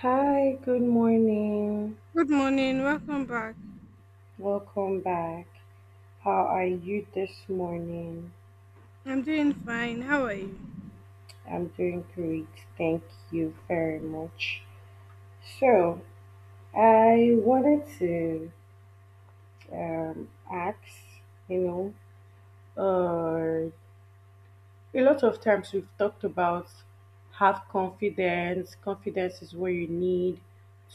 Hi, good morning. Good morning, welcome back. Welcome back. How are you this morning? I'm doing fine. How are you? I'm doing great. Thank you very much. So, I wanted to ask, you know, uh, a lot of times we've talked about have confidence. Confidence is what you need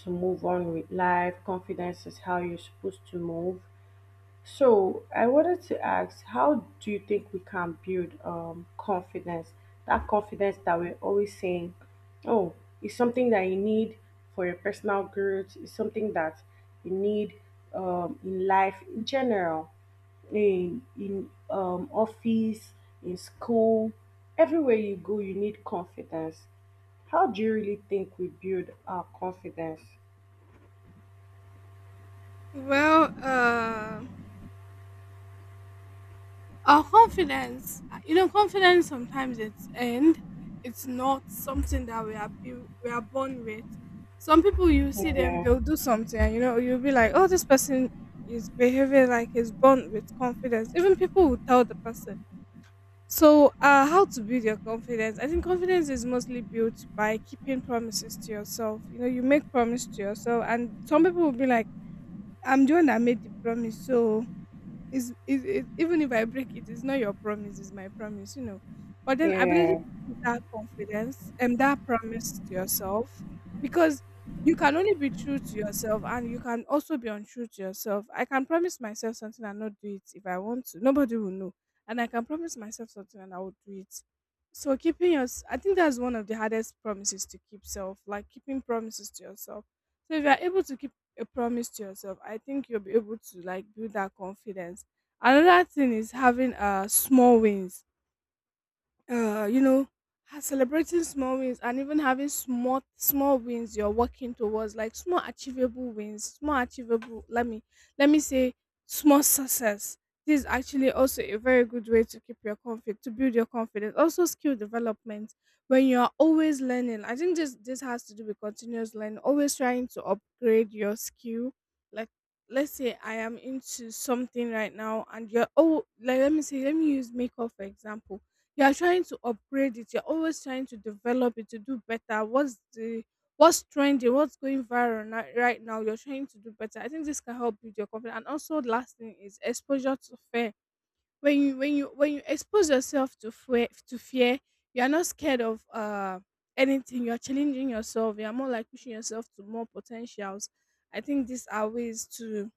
to move on with life. Confidence is how you're supposed to move. So I wanted to ask, how do you think we can build confidence? That confidence that we're always saying, oh, it's something that you need for your personal growth. It's something that you need in life in general, in office, in school, everywhere you go, you need confidence. How do you really think we build our confidence? Well, uh, our confidence, you know, confidence sometimes it's end. It's not something that we are born with. Some people you see them, Yeah, they'll do something, and you know, you'll be like, oh, this person is behaving like he's born with confidence. Even people will tell the person. How to build your confidence? I think confidence is mostly built by keeping promises to yourself. You know, you make promise to yourself, and some people will be like I'm the one that made the promise, so it's even if I break it, it's not your promise, it's my promise, you know. But then ability to yeah. give that confidence and that promise to yourself because you can only be true to yourself and you can also be untrue to yourself. I can promise myself something and not do it if I want to. Nobody will know. And I can promise myself something and I will do it. So keeping your, I think that's one of the hardest promises to keep self, like keeping promises to yourself. So if you are able to keep a promise to yourself, I think you'll be able to like build that confidence. Another thing is having small wins, you know, celebrating small wins and even having small small wins you're working towards, like small achievable wins, small achievable. Let me say small success. This is actually also a very good way to keep your confidence, to build your confidence. Also, skill development when you are always learning. I think this has to do with continuous learning, always trying to upgrade your skill. Like let's say I am into something right now, and you're oh, like let me use makeup for example. You are trying to upgrade it, you're always trying to develop it to do better. What's trending, what's going viral right now, you're trying to do better. I think this can help build your confidence. And also, last thing is exposure to fear. When you expose yourself to fear, you're not scared of anything. You're challenging yourself, you're more like pushing yourself to more potentials. I think these are ways to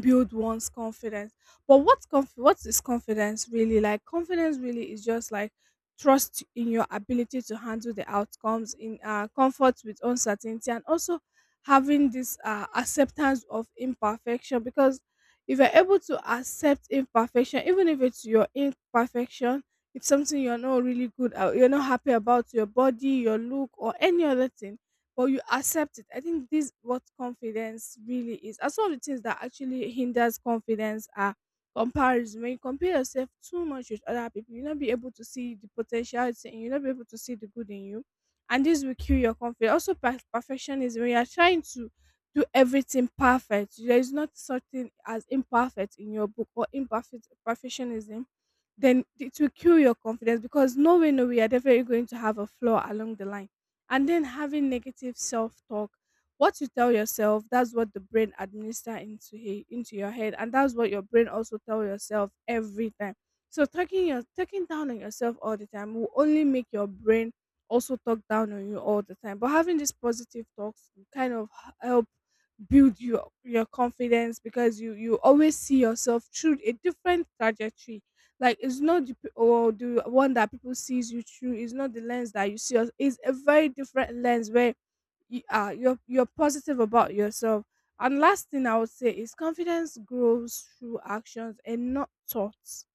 build one's confidence. But what is confidence really like? Confidence really is just like trust in your ability to handle the outcomes, in comfort with uncertainty, and also having this acceptance of imperfection. Because if you're able to accept imperfection, even if it's your imperfection, if something you're not really good at, you're not happy about your body, your look, or any other thing, but you accept it. I think this is what confidence really is. And some of the things that actually hinders confidence are comparison. When you compare yourself too much with other people, you'll not be able to see the potential it's in you, you'll not be able to see the good in you. And this will kill your confidence. Also, perfectionism. When you are trying to do everything perfect, there is not such thing as imperfect in your book, or imperfect perfectionism. Then it will kill your confidence because no way, no way, you're definitely going to have a flaw along the line. And then, having negative self-talk, what you tell yourself, that's what the brain administer into your head, and that's what your brain also tell yourself every time. So talking down on yourself all the time will only make your brain also talk down on you all the time. But having these positive talks will kind of help build your confidence, because you always see yourself through a different trajectory. Like, it's not the p- or the one that people sees you through. It's not the lens that you see us. It's a very different lens where you're positive about yourself. And last thing I would say is, confidence grows through actions and not thoughts.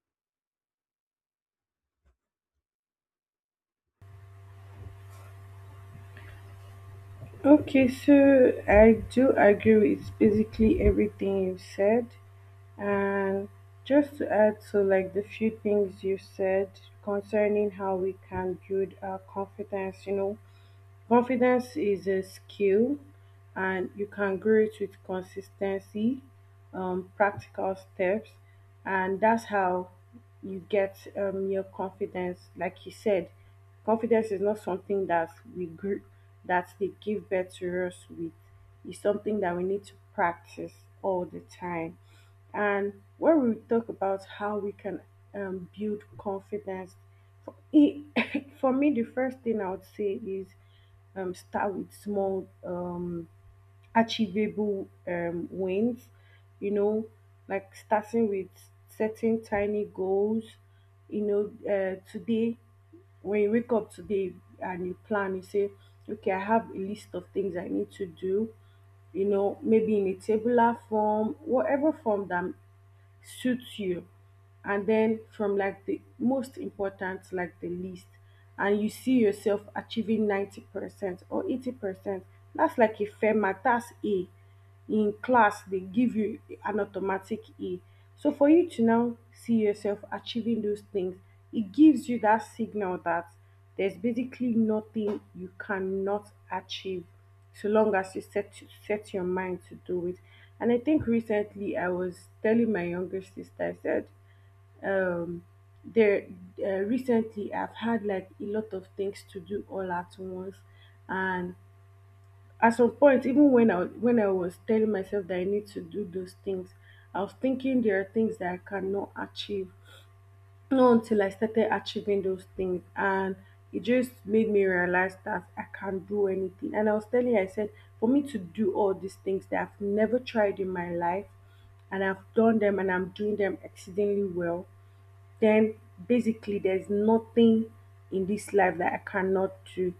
Okay, so I do agree with basically everything you've said. And just to add, so like the few things you said concerning how we can build our confidence, you know, confidence is a skill and you can grow it with consistency, practical steps, and that's how you get your confidence. Like you said, confidence is not something that we grew, that they give birth to us with. It's something that we need to practice all the time. And when we will talk about how we can build confidence, for, e- for me, the first thing I would say is start with small, achievable wins, you know, like starting with setting tiny goals. You know, today, when you wake up today and you plan, you say, okay, I have a list of things I need to do, you know, maybe in a tabular form, whatever form that suits you, and then from like the most important to like the least, and you see yourself achieving 90% or 80%. That's like a fair mark. That's a, in class they give you an automatic A. So for you to now see yourself achieving those things, it gives you that signal that there's basically nothing you cannot achieve so long as you set your mind to do it. And I think recently I was telling my younger sister, I said, um, there recently I've had like a lot of things to do all at once, and at some point, even when I was telling myself that I need to do those things, I was thinking there are things that I cannot achieve, not until I started achieving those things, and it just made me realize that I can't do anything. And I was telling you, I said, for me to do all these things that I've never tried in my life, and I've done them, and I'm doing them exceedingly well, then basically there's nothing in this life that I cannot do.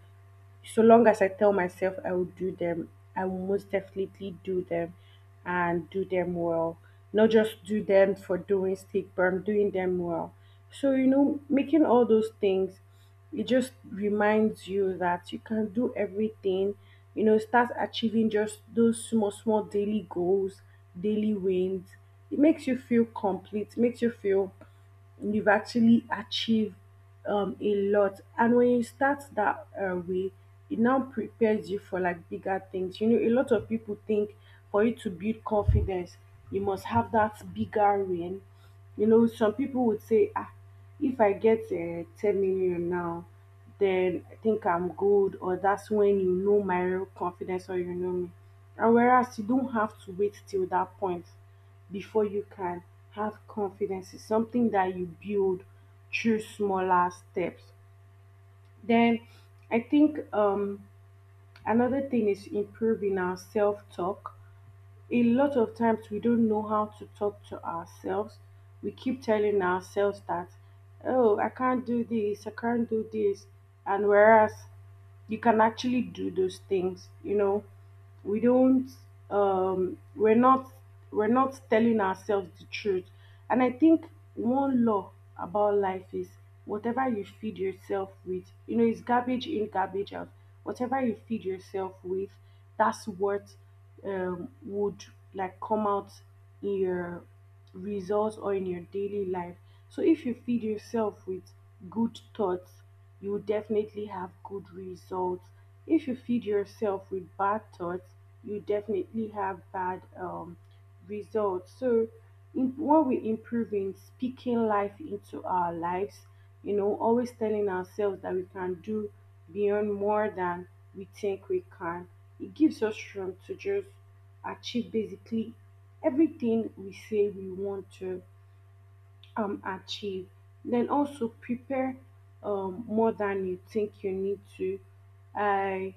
So long as I tell myself I will do them, I will most definitely do them and do them well. Not just do them for doing sake, but I'm doing them well. So, you know, making all those things, it just reminds you that you can do everything. You know, start achieving just those small, small daily goals, daily wins. It makes you feel complete, makes you feel you've actually achieved a lot. And when you start that way, it now prepares you for like bigger things. You know, a lot of people think for you to build confidence, you must have that bigger win. You know, some people would say, ah, if I get 10 million now, then I think I'm good, or that's when you know my real confidence, or you know me. And whereas you don't have to wait till that point before you can have confidence. It's something that you build through smaller steps. Then I think another thing is improving our self talk. A lot of times we don't know how to talk to ourselves. We keep telling ourselves that, oh, I can't do this, I can't do this. And whereas you can actually do those things. You know, we don't, um we're not we're not telling ourselves the truth. And I think one law about life is whatever you feed yourself with, you know, it's garbage in, garbage out. Whatever you feed yourself with, that's what would like come out in your results or in your daily life. So if you feed yourself with good thoughts, you will definitely have good results. If you feed yourself with bad thoughts, you definitely have bad results. So, in, what we improve in speaking life into our lives, you know, always telling ourselves that we can do beyond, more than we think we can. It gives us room to just achieve basically everything we say we want to achieve. Then also prepare more than you think you need to. I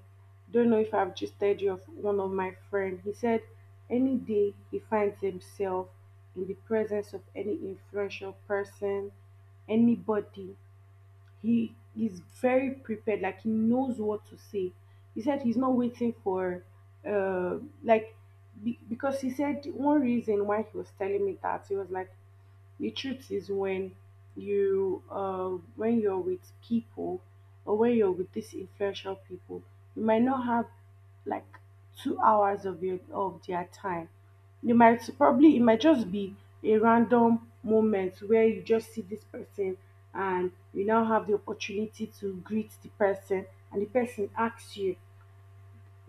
don't know if I've gisted you of one of my friend. He said any day he finds himself in the presence of any influential person, anybody, he is very prepared. Like he knows what to say. He said he's not waiting for uh like because he said one reason why he was telling me that, he was like, the truth is when you when you're with people or when you're with these influential people, you might not have like 2 hours of your of their time. You might probably, it might just be a random moment where you just see this person, and you now have the opportunity to greet the person, and the person asks you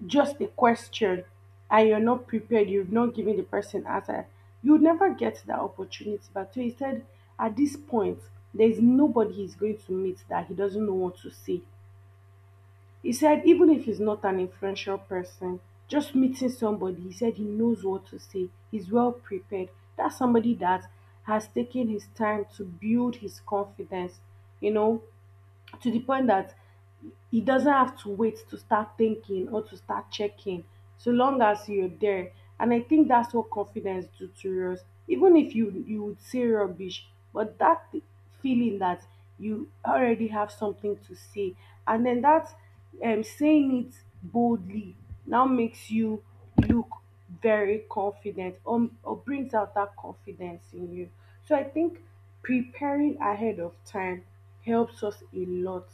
just a question, and you're not prepared, you've not given the person answer, you would never get that opportunity. But so instead, at this point, there's nobody he's going to meet that he doesn't know what to say. He said, even if he's not an influential person, just meeting somebody, he said he knows what to say. He's well prepared. That's somebody that has taken his time to build his confidence, you know, to the point that he doesn't have to wait to start thinking or to start checking, so long as you're there. And I think that's what confidence do to us. Even if you would say rubbish, but that feeling that you already have something to say, and then that saying it boldly now makes you look very confident, or brings out that confidence in you. So I think preparing ahead of time helps us a lot,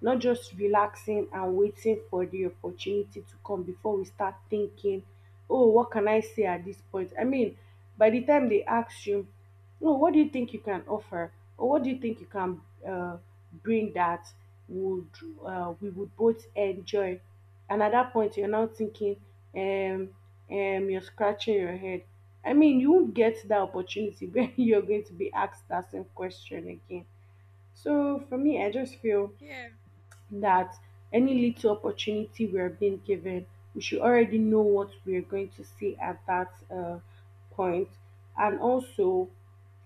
not just relaxing and waiting for the opportunity to come before we start thinking, oh, what can I say at this point? I mean, by the time they ask you, no, what do you think you can offer? Or what do you think you can uh, bring that would we would both enjoy? And at that point, you're now thinking, um, you're scratching your head. I mean, you won't get that opportunity when you're going to be asked that same question again. So for me, I just feel Yeah, that any little opportunity we're being given, we should already know what we're going to see at that point. And also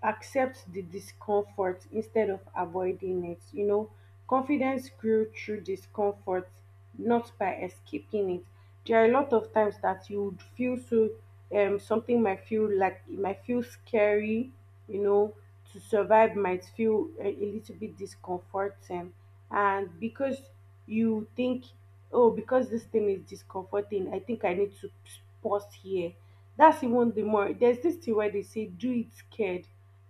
accept the discomfort instead of avoiding it. You know, confidence grew through discomfort, not by escaping it. There are a lot of times that you would feel so something might feel like, it might feel scary, you know, to survive might feel a little bit discomforting. And because you think, oh, because this thing is discomforting, I think I need to pause here. That's even the more. There's this thing where they say, do it scared,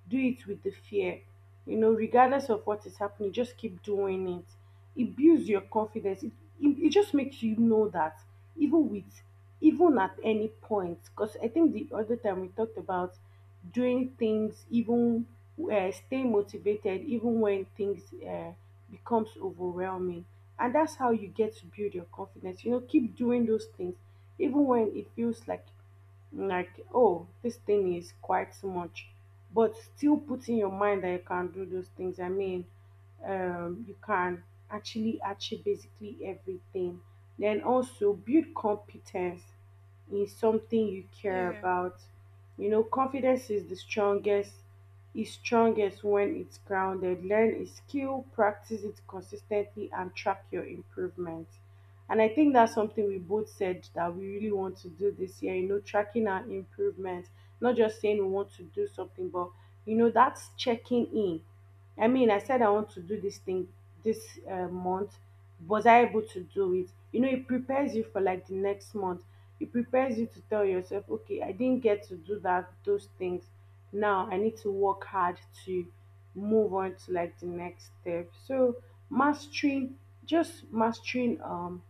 do it with the fear. You know, regardless of what is happening, just keep doing it. It builds your confidence. It just makes you know that even with, even at any point, because I think the other time we talked about doing things, even stay motivated even when things becomes overwhelming. And that's how you get to build your confidence. You know, keep doing those things even when it feels like, oh, this thing is quite so much, but still put in your mind that you can do those things. I mean, you can actually achieve basically everything. Then also build competence in something you care yeah, about. You know, confidence is the strongest, is strongest when it's grounded. Learn a skill, practice it consistently and track your improvement. And I think that's something we both said that we really want to do this year, you know, tracking our improvement, not just saying we want to do something, but you know, that's checking in. I mean, I said I want to do this thing this month. Was I able to do it? You know, it prepares you for like the next month. It prepares you to tell yourself, okay, I didn't get to do that, those things. Now I need to work hard to move on to like the next step. So mastering, just mastering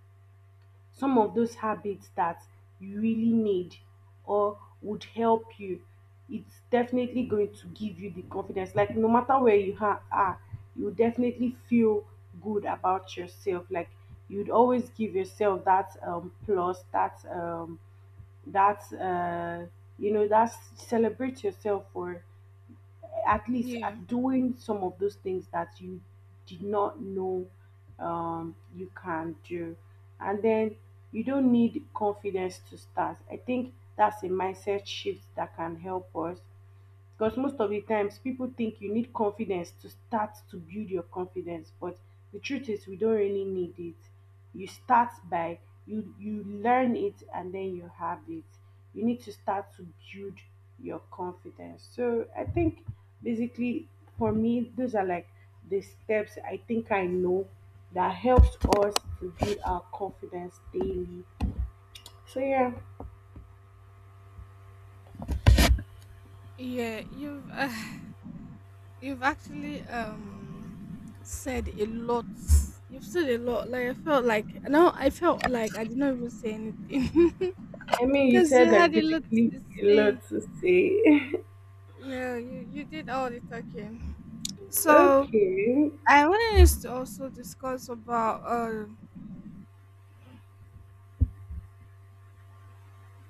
some of those habits that you really need or would help you, it's definitely going to give you the confidence. Like, no matter where you are, you definitely feel good about yourself. Like, you'd always give yourself that plus, that that you know that's celebrate yourself for at least at yeah, doing some of those things that you did not know you can do. And then, you don't need confidence to start. I think that's a mindset shift that can help us, because most of the times people think you need confidence to start to build your confidence, but the truth is we don't really need it. You start by you learn it and then you have it. You need to start to build your confidence. So I think, basically, for me those are like the steps I think I know that helps us to build our confidence daily. So yeah, yeah. You've you've actually said a lot. You've said a lot. Like I felt like no, I felt like I did not even say anything I mean you because said you like had a lot basically to a say. lot to say. No, you did all the talking. So Okay. I wanted us to also discuss about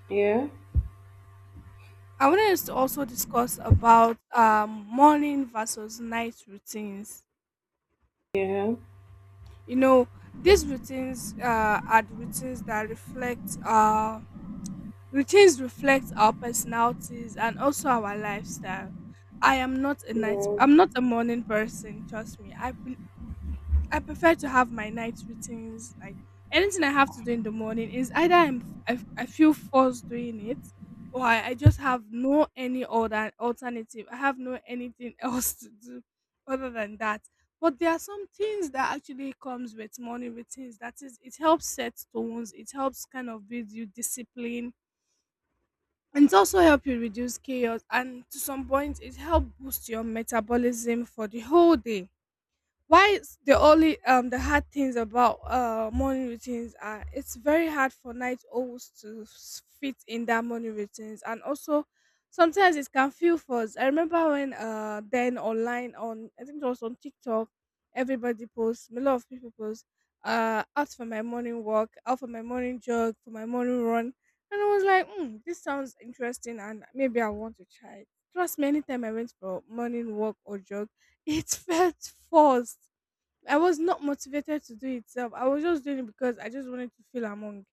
Yeah, I wanted us to also discuss about morning versus night routines. yeah, You know, these routines are the routines that reflect our personalities and also our lifestyle. Yeah. I'm not a morning person, trust me. I prefer to have my night routines. Like, anything I have to do in the morning is either I feel forced doing it, or I just have no any other alternative. I have no anything else to do other than that. But there are some things that actually comes with morning routines. That is, it helps set tones. It helps kind of build you discipline. And it also help you reduce chaos, and to some point it help boost your metabolism for the whole day. The only the hard things about morning routines are, it's very hard for night owls to fit in that morning routines, and also sometimes it can feel forced. I remember when then online, on I think it was on TikTok, everybody posts a lot of people post out for my morning walk, out for my morning jog, for my morning run. And I was like, mm, this sounds interesting, and maybe I want to try it. Trust me, anytime I went for morning walk or jog, it felt forced. I was not motivated to do it self. I was just doing it because I just wanted to feel among.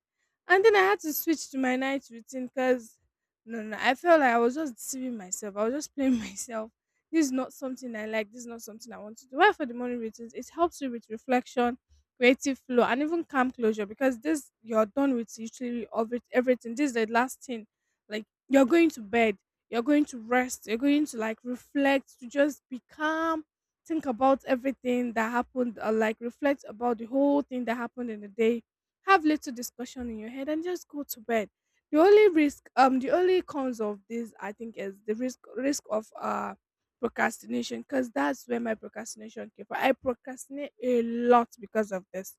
And then I had to switch to my night routine because no, no, I felt like I was just deceiving myself. I was just playing myself. This is not something I like. This is not something I want to do. Why for the morning routines? It helps you with reflection, creative flow, and even calm closure, because this you're done with literally of it, everything. This is the last thing. Like, you're going to bed, you're going to rest, you're going to like reflect, to just be calm, think about everything that happened, or like reflect about the whole thing that happened in the day, have little discussion in your head and just go to bed. The only risk the only cons of this, I think, is the risk of procrastination, because that's where my procrastination came from. I procrastinate a lot because of this,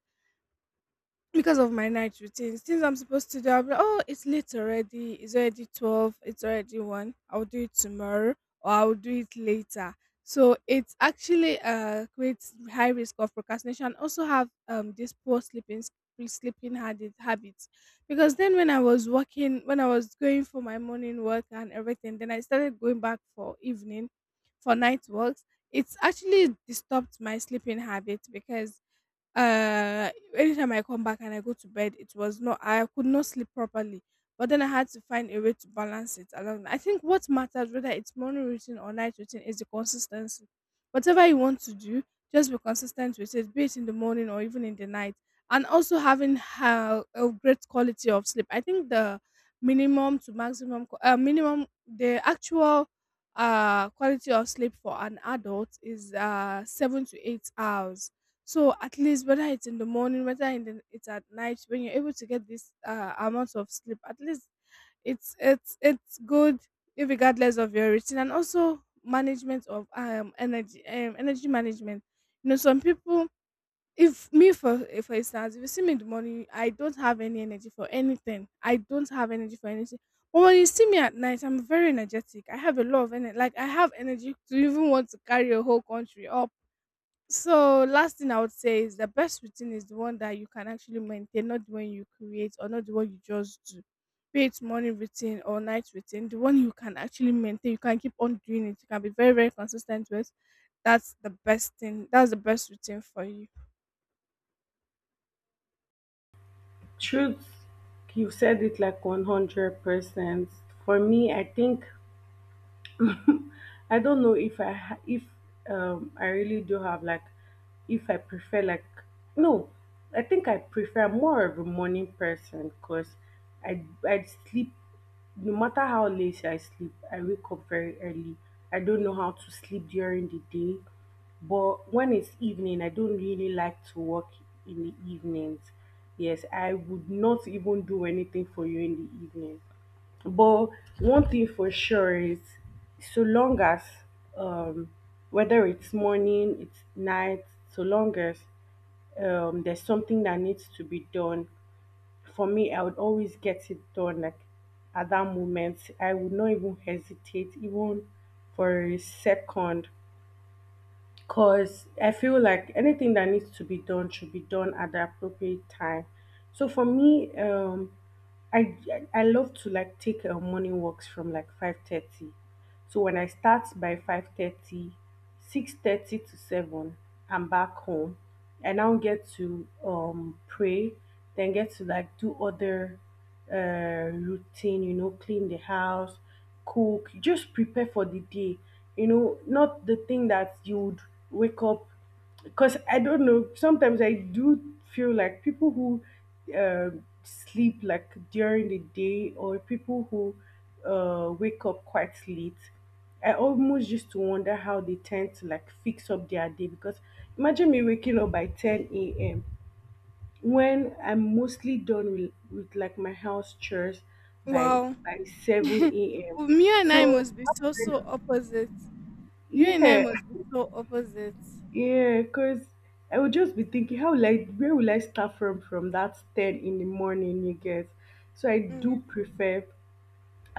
because of my night routines. Things I'm supposed to do, I'll be like, oh, it's late already. It's already 12. It's already 1. I'll do it tomorrow or I'll do it later. So it actually creates high risk of procrastination. I also have this poor sleeping s- pre- sleeping habits, because then when I was working, when I was going for my morning work and everything, then I started going back for evening, for night works. It's actually disturbed my sleeping habit, because anytime I come back and I go to bed, it was not, I could not sleep properly. But then I had to find a way to balance it along. I think what matters, whether it's morning routine or night routine, is the consistency. Whatever you want to do, just be consistent with it, be it in the morning or even in the night. And also having a great quality of sleep. I think the minimum to maximum, qu- minimum, the actual quality of sleep for an adult is 7 to 8 hours. So at least whether it's in the morning, whether it's at night, when you're able to get this amount of sleep, at least it's good, regardless of your routine. And also management of energy management. You know, some people, if me for for instance, if you see me in the morning, I don't have any energy for anything. I don't have energy for anything. But when you see me at night, I'm very energetic. I have a lot of energy. Like, I have energy to even want to carry a whole country up. So last thing I would say is, the best routine is the one that you can actually maintain, not the one you create or not the one you just do. Be it morning routine or night routine, the one you can actually maintain, you can keep on doing it, you can be very, very consistent with. That's the best thing. That's the best routine for you. Truth, you said it like 100%. For me, I think I don't know if I ha- if I really do have like if I prefer like no, I think I prefer, I'm more of a morning person because I I sleep, no matter how late I sleep, I wake up very early. I don't know how to sleep during the day, but when it's evening, I don't really like to work in the evenings. Yes, I would not even do anything for you in the evening. But one thing for sure is, so long as um, whether it's morning, it's night, so long as there's something that needs to be done, for me, I would always get it done. Like, at that moment, I would not even hesitate, even for a second. Cause I feel like anything that needs to be done should be done at the appropriate time. So for me, I love to like take morning walks from like 5:30. So when I start by 5:30, 6:30 to 7, I'm back home. I now get to pray, then get to like do other uh, routine, you know, clean the house, cook, just prepare for the day. You know, not the thing that you would wake up, because I don't know. Sometimes I do feel like people who sleep like during the day, or people who wake up quite late. I almost used to wonder how they tend to like fix up their day, because imagine me waking up by 10 a.m. when I'm mostly done with, like my house chores by Wow. 7 a.m. Well, you and I So must be so opposite. You and I yeah, must be so opposite. yeah, because I would just be thinking, how will I, where will I start from that 10 in the morning, you get? So I Mm, do prefer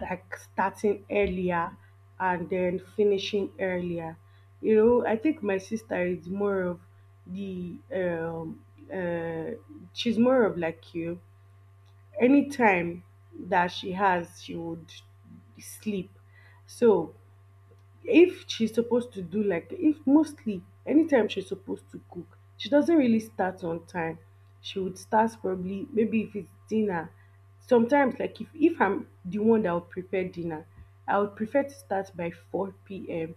like starting earlier and then finishing earlier. You know, I think my sister is more of the, uh, she's more of like you. Any time that she has, she would sleep. So if she's supposed to do, like if mostly anytime she's supposed to cook, she doesn't really start on time. She would start probably, maybe if it's dinner. Sometimes, like, if I'm the one that would prepare dinner, I would prefer to start by 4 p.m,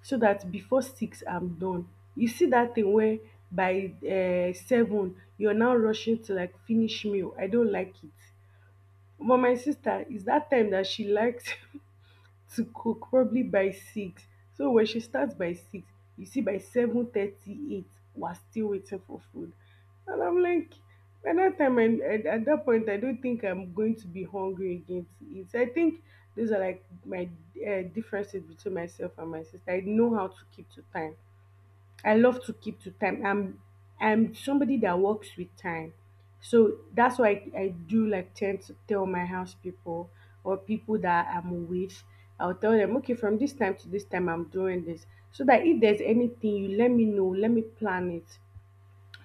so that before 6 I'm done. You see that thing where, by 7, you're now rushing to like finish meal, I don't like it. But my sister is that time that she likes to cook probably by 6. So when she starts by 6, you see, by seven thirty eight, we're still waiting for food. And I'm like, by that time, and at that point, I don't think I'm going to be hungry again to eat. So I think those are like my differences between myself and my sister. I know how to keep to time. I love to keep to time. I'm somebody that works with time. So that's why I do like tend to tell my house people, or people that I'm with. I'll tell them, okay, from this time to this time I'm doing this. So that if there's anything, you let me know, let me plan it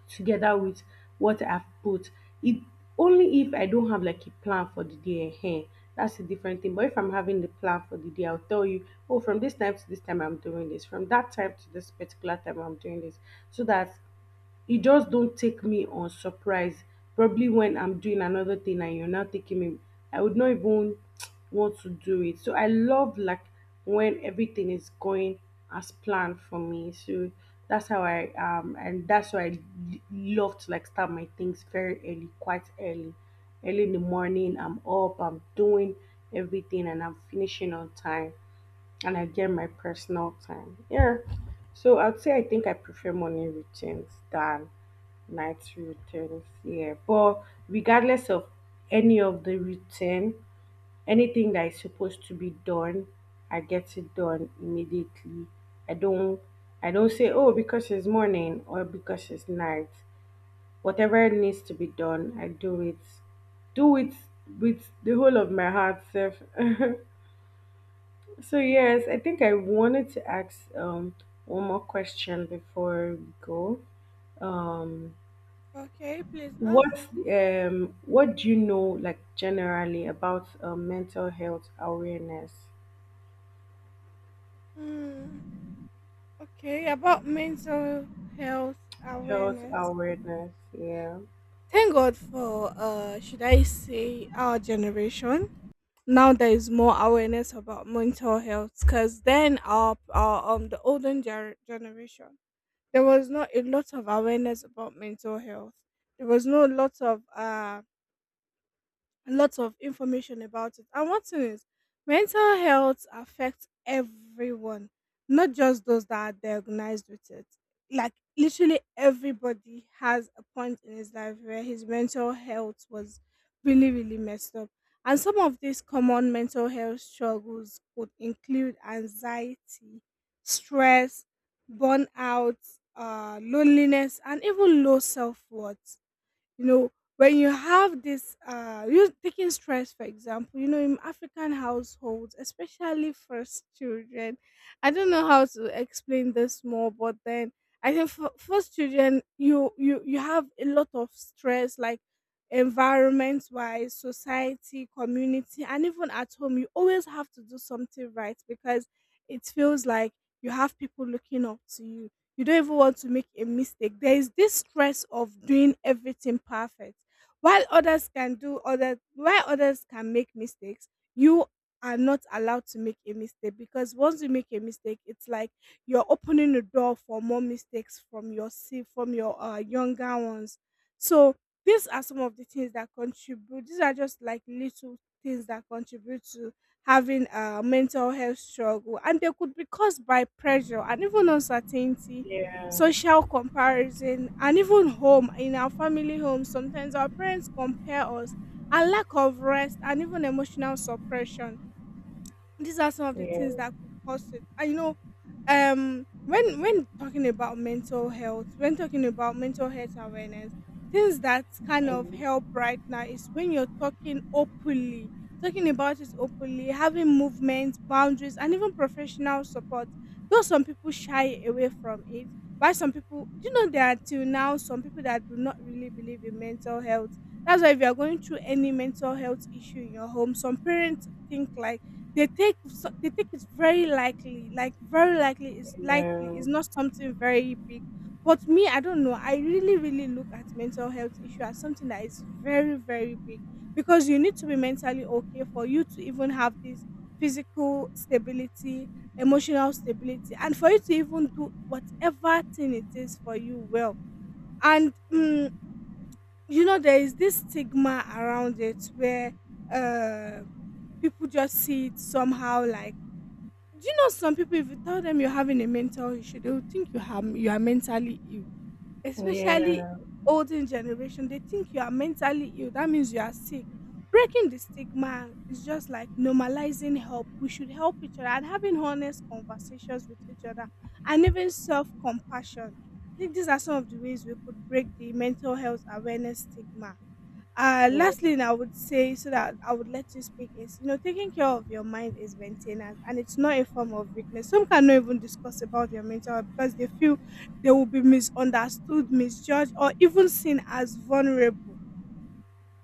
together with what I've put. It, only if I don't have like a plan for the day ahead. That's a different thing. But if I'm having the plan for the day, I'll tell you, oh, from this time to this time I'm doing this, from that time to this particular time I'm doing this. So that you just don't take me on surprise, probably when I'm doing another thing and you're not taking me. I would not even want to do it. So I love like when everything is going as planned for me. So that's how I and that's why I love to like start my things very early, quite early. Early in the morning, I'm up, I'm doing everything, and I'm finishing on time, and I get my personal time. Yeah. So I'd say I think I prefer morning routines than night routines. Yeah. But regardless of any of the routine, anything that is supposed to be done, I get it done immediately. I don't I don't say, oh, because it's morning or because it's night. Whatever needs to be done, I do it. Do it with the whole of my heart, self. So yes, I think I wanted to ask one more question before we go. Um, yeah. Okay, please ask. what do you know like generally about mental health awareness? Mm, okay, about mental health Health awareness. awareness. Yeah, Thank God for should I say our generation. Now there is more awareness about mental health because then our the generation there was not a lot of awareness about mental health. There was no lot of lots of information about it. And one thing is, mental health affects everyone, not just those that are diagnosed with it. Like literally everybody has a point in his life where his mental health was really, really messed up. And some of these common mental health struggles would include anxiety, stress, burnout, loneliness, and even low self worth, you know, when you have this you taking stress, for example. You know, in African households, especially first children, I don't know how to explain this more, but then I think for first children, you have a lot of stress, like environment wise, society, community, and even at home, you always have to do something right because it feels like you have people looking up to you. You don't even want to make a mistake. There is this stress of doing everything perfect. While others can make mistakes, you are not allowed to make a mistake because once you make a mistake, it's like you're opening the door for more mistakes from from your younger ones. So these are some of the things that contribute. These are just like little things that contribute to having a mental health struggle, and they could be caused by pressure and even uncertainty, yeah, social comparison, and even home, in our family home sometimes our parents compare us, and lack of rest and even emotional suppression. These are some of the yeah, things that could cause it. And you know, when talking about mental health, when talking about mental health awareness, things that kind yeah, of help right now is when you're talking openly, talking about it openly, having movements, boundaries, and even professional support. Though some people shy away from it, why some people, do you know, there are till now some people that do not really believe in mental health. That's why if you are going through any mental health issue in your home, some parents think like they take so they think it's very likely, like very likely. yeah, It's not something very big. But me, I don't know. I really, really look at mental health issue as something that is very, very big because you need to be mentally okay for you to even have this physical stability, emotional stability, and for you to even do whatever thing it is for you well. And mm, you know, there is this stigma around it where uh, people just see it somehow, like do you know some people, if you tell them you're having a mental issue, they will think you are mentally ill. Especially yeah, older generation, they think you are mentally ill. That means you are sick. Breaking the stigma is just like normalizing help. We should help each other and having honest conversations with each other and even self compassion. I think these are some of the ways we could break the mental health awareness stigma. Uh, yeah, lastly, I would say, so that I would let you speak, is you know, taking care of your mind is maintenance and it's not a form of weakness. Some cannot even discuss about their mental health because they feel they will be misunderstood, misjudged, or even seen as vulnerable,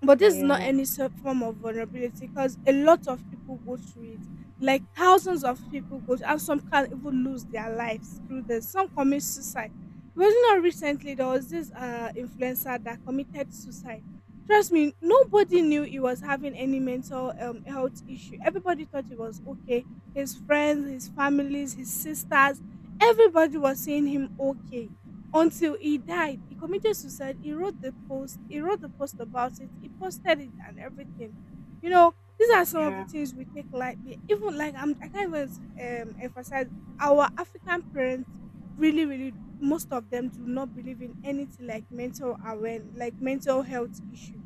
but this is not yeah, any form of vulnerability because a lot of people go through it, like thousands of people go, and some can even lose their lives through this. Some commit suicide. It was not recently, there was this influencer that committed suicide. Trust me, nobody knew he was having any mental health issue. Everybody thought he was okay, his friends, his families, his sisters, everybody was saying him okay, until he died. He committed suicide. He wrote the post. He wrote the post about it. He posted it and everything. You know, these are some of the yeah. things we take lightly. Even like I can't even emphasize, our African parents, really, really, most of them do not believe in anything like mental awareness, like mental health issue.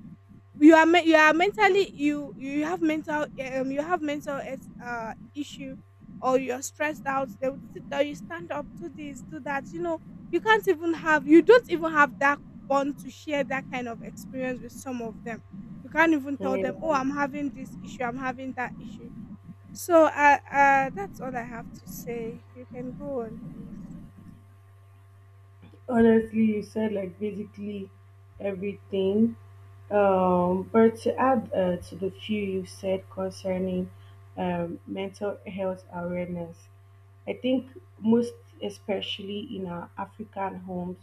You are you are mentally, you have mental issue, or you're stressed out, they would sit there, you stand up, do this, do that, you know, you can't even have you don't even have that bond to share that kind of experience with some of them. You can't even tell them, oh, Yeah. I'm having this issue, I'm having that issue. So that's all I have to say. You can go on, please. Honestly, you said like basically everything. But to add to the few you said concerning mental health awareness, I think, most especially in our African homes,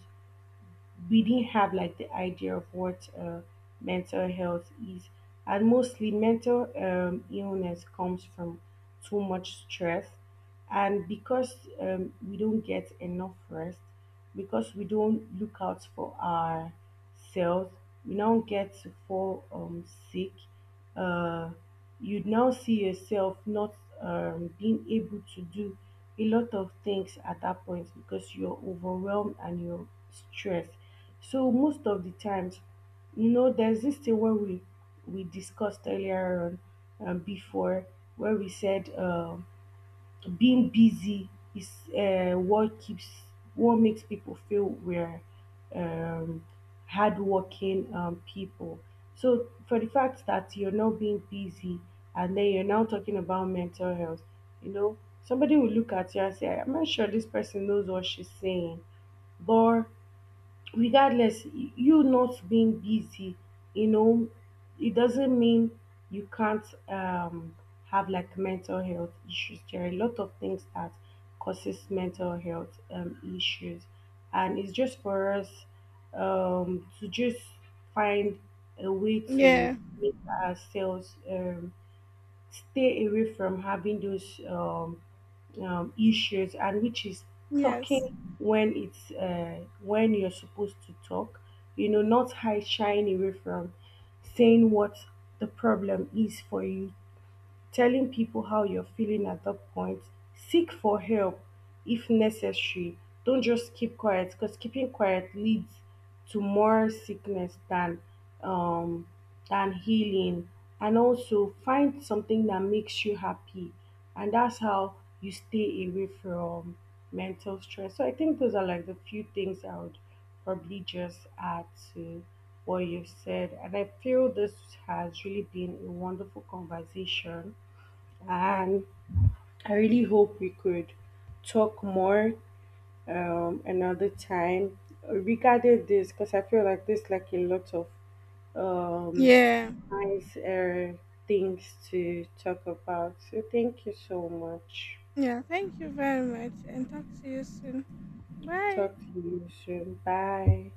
we didn't have like the idea of what mental health is, and mostly mental illness comes from too much stress, and because we don't get enough rest, because we don't look out for our cells, you now get to fall sick. Uh, you'd now see yourself not being able to do a lot of things at that point, because you're overwhelmed and you're stressed. So most of the times, you know, there's this thing where we discussed earlier on before, where we said being busy is what keeps, what makes people feel we're um, hardworking people. So for the fact that you're not being busy and then you're now talking about mental health, you know, somebody will look at you and say, I'm not sure this person knows what she's saying. But regardless, you not being busy, you know, it doesn't mean you can't have like mental health issues. There are a lot of things that causes mental health issues, and it's just for us to just find a way to Yeah. make ourselves stay away from having those issues. And which is, talking Yes. when it's when you're supposed to talk, you know, not high shying away from saying what the problem is for you, telling people how you're feeling at that point. Seek for help if necessary. Don't just keep quiet, because keeping quiet leads to more sickness than um, healing. And also, find something that makes you happy, and that's how you stay away from mental stress. So I think those are like the few things I would probably just add to what you've said. And I feel this has really been a wonderful conversation. And I really hope we could talk more another time regarding this, because I feel like there's like a lot of um, Yeah. nice things to talk about. So thank you so much. Yeah, thank you very much and talk to you soon. Bye. Talk to you soon. Bye.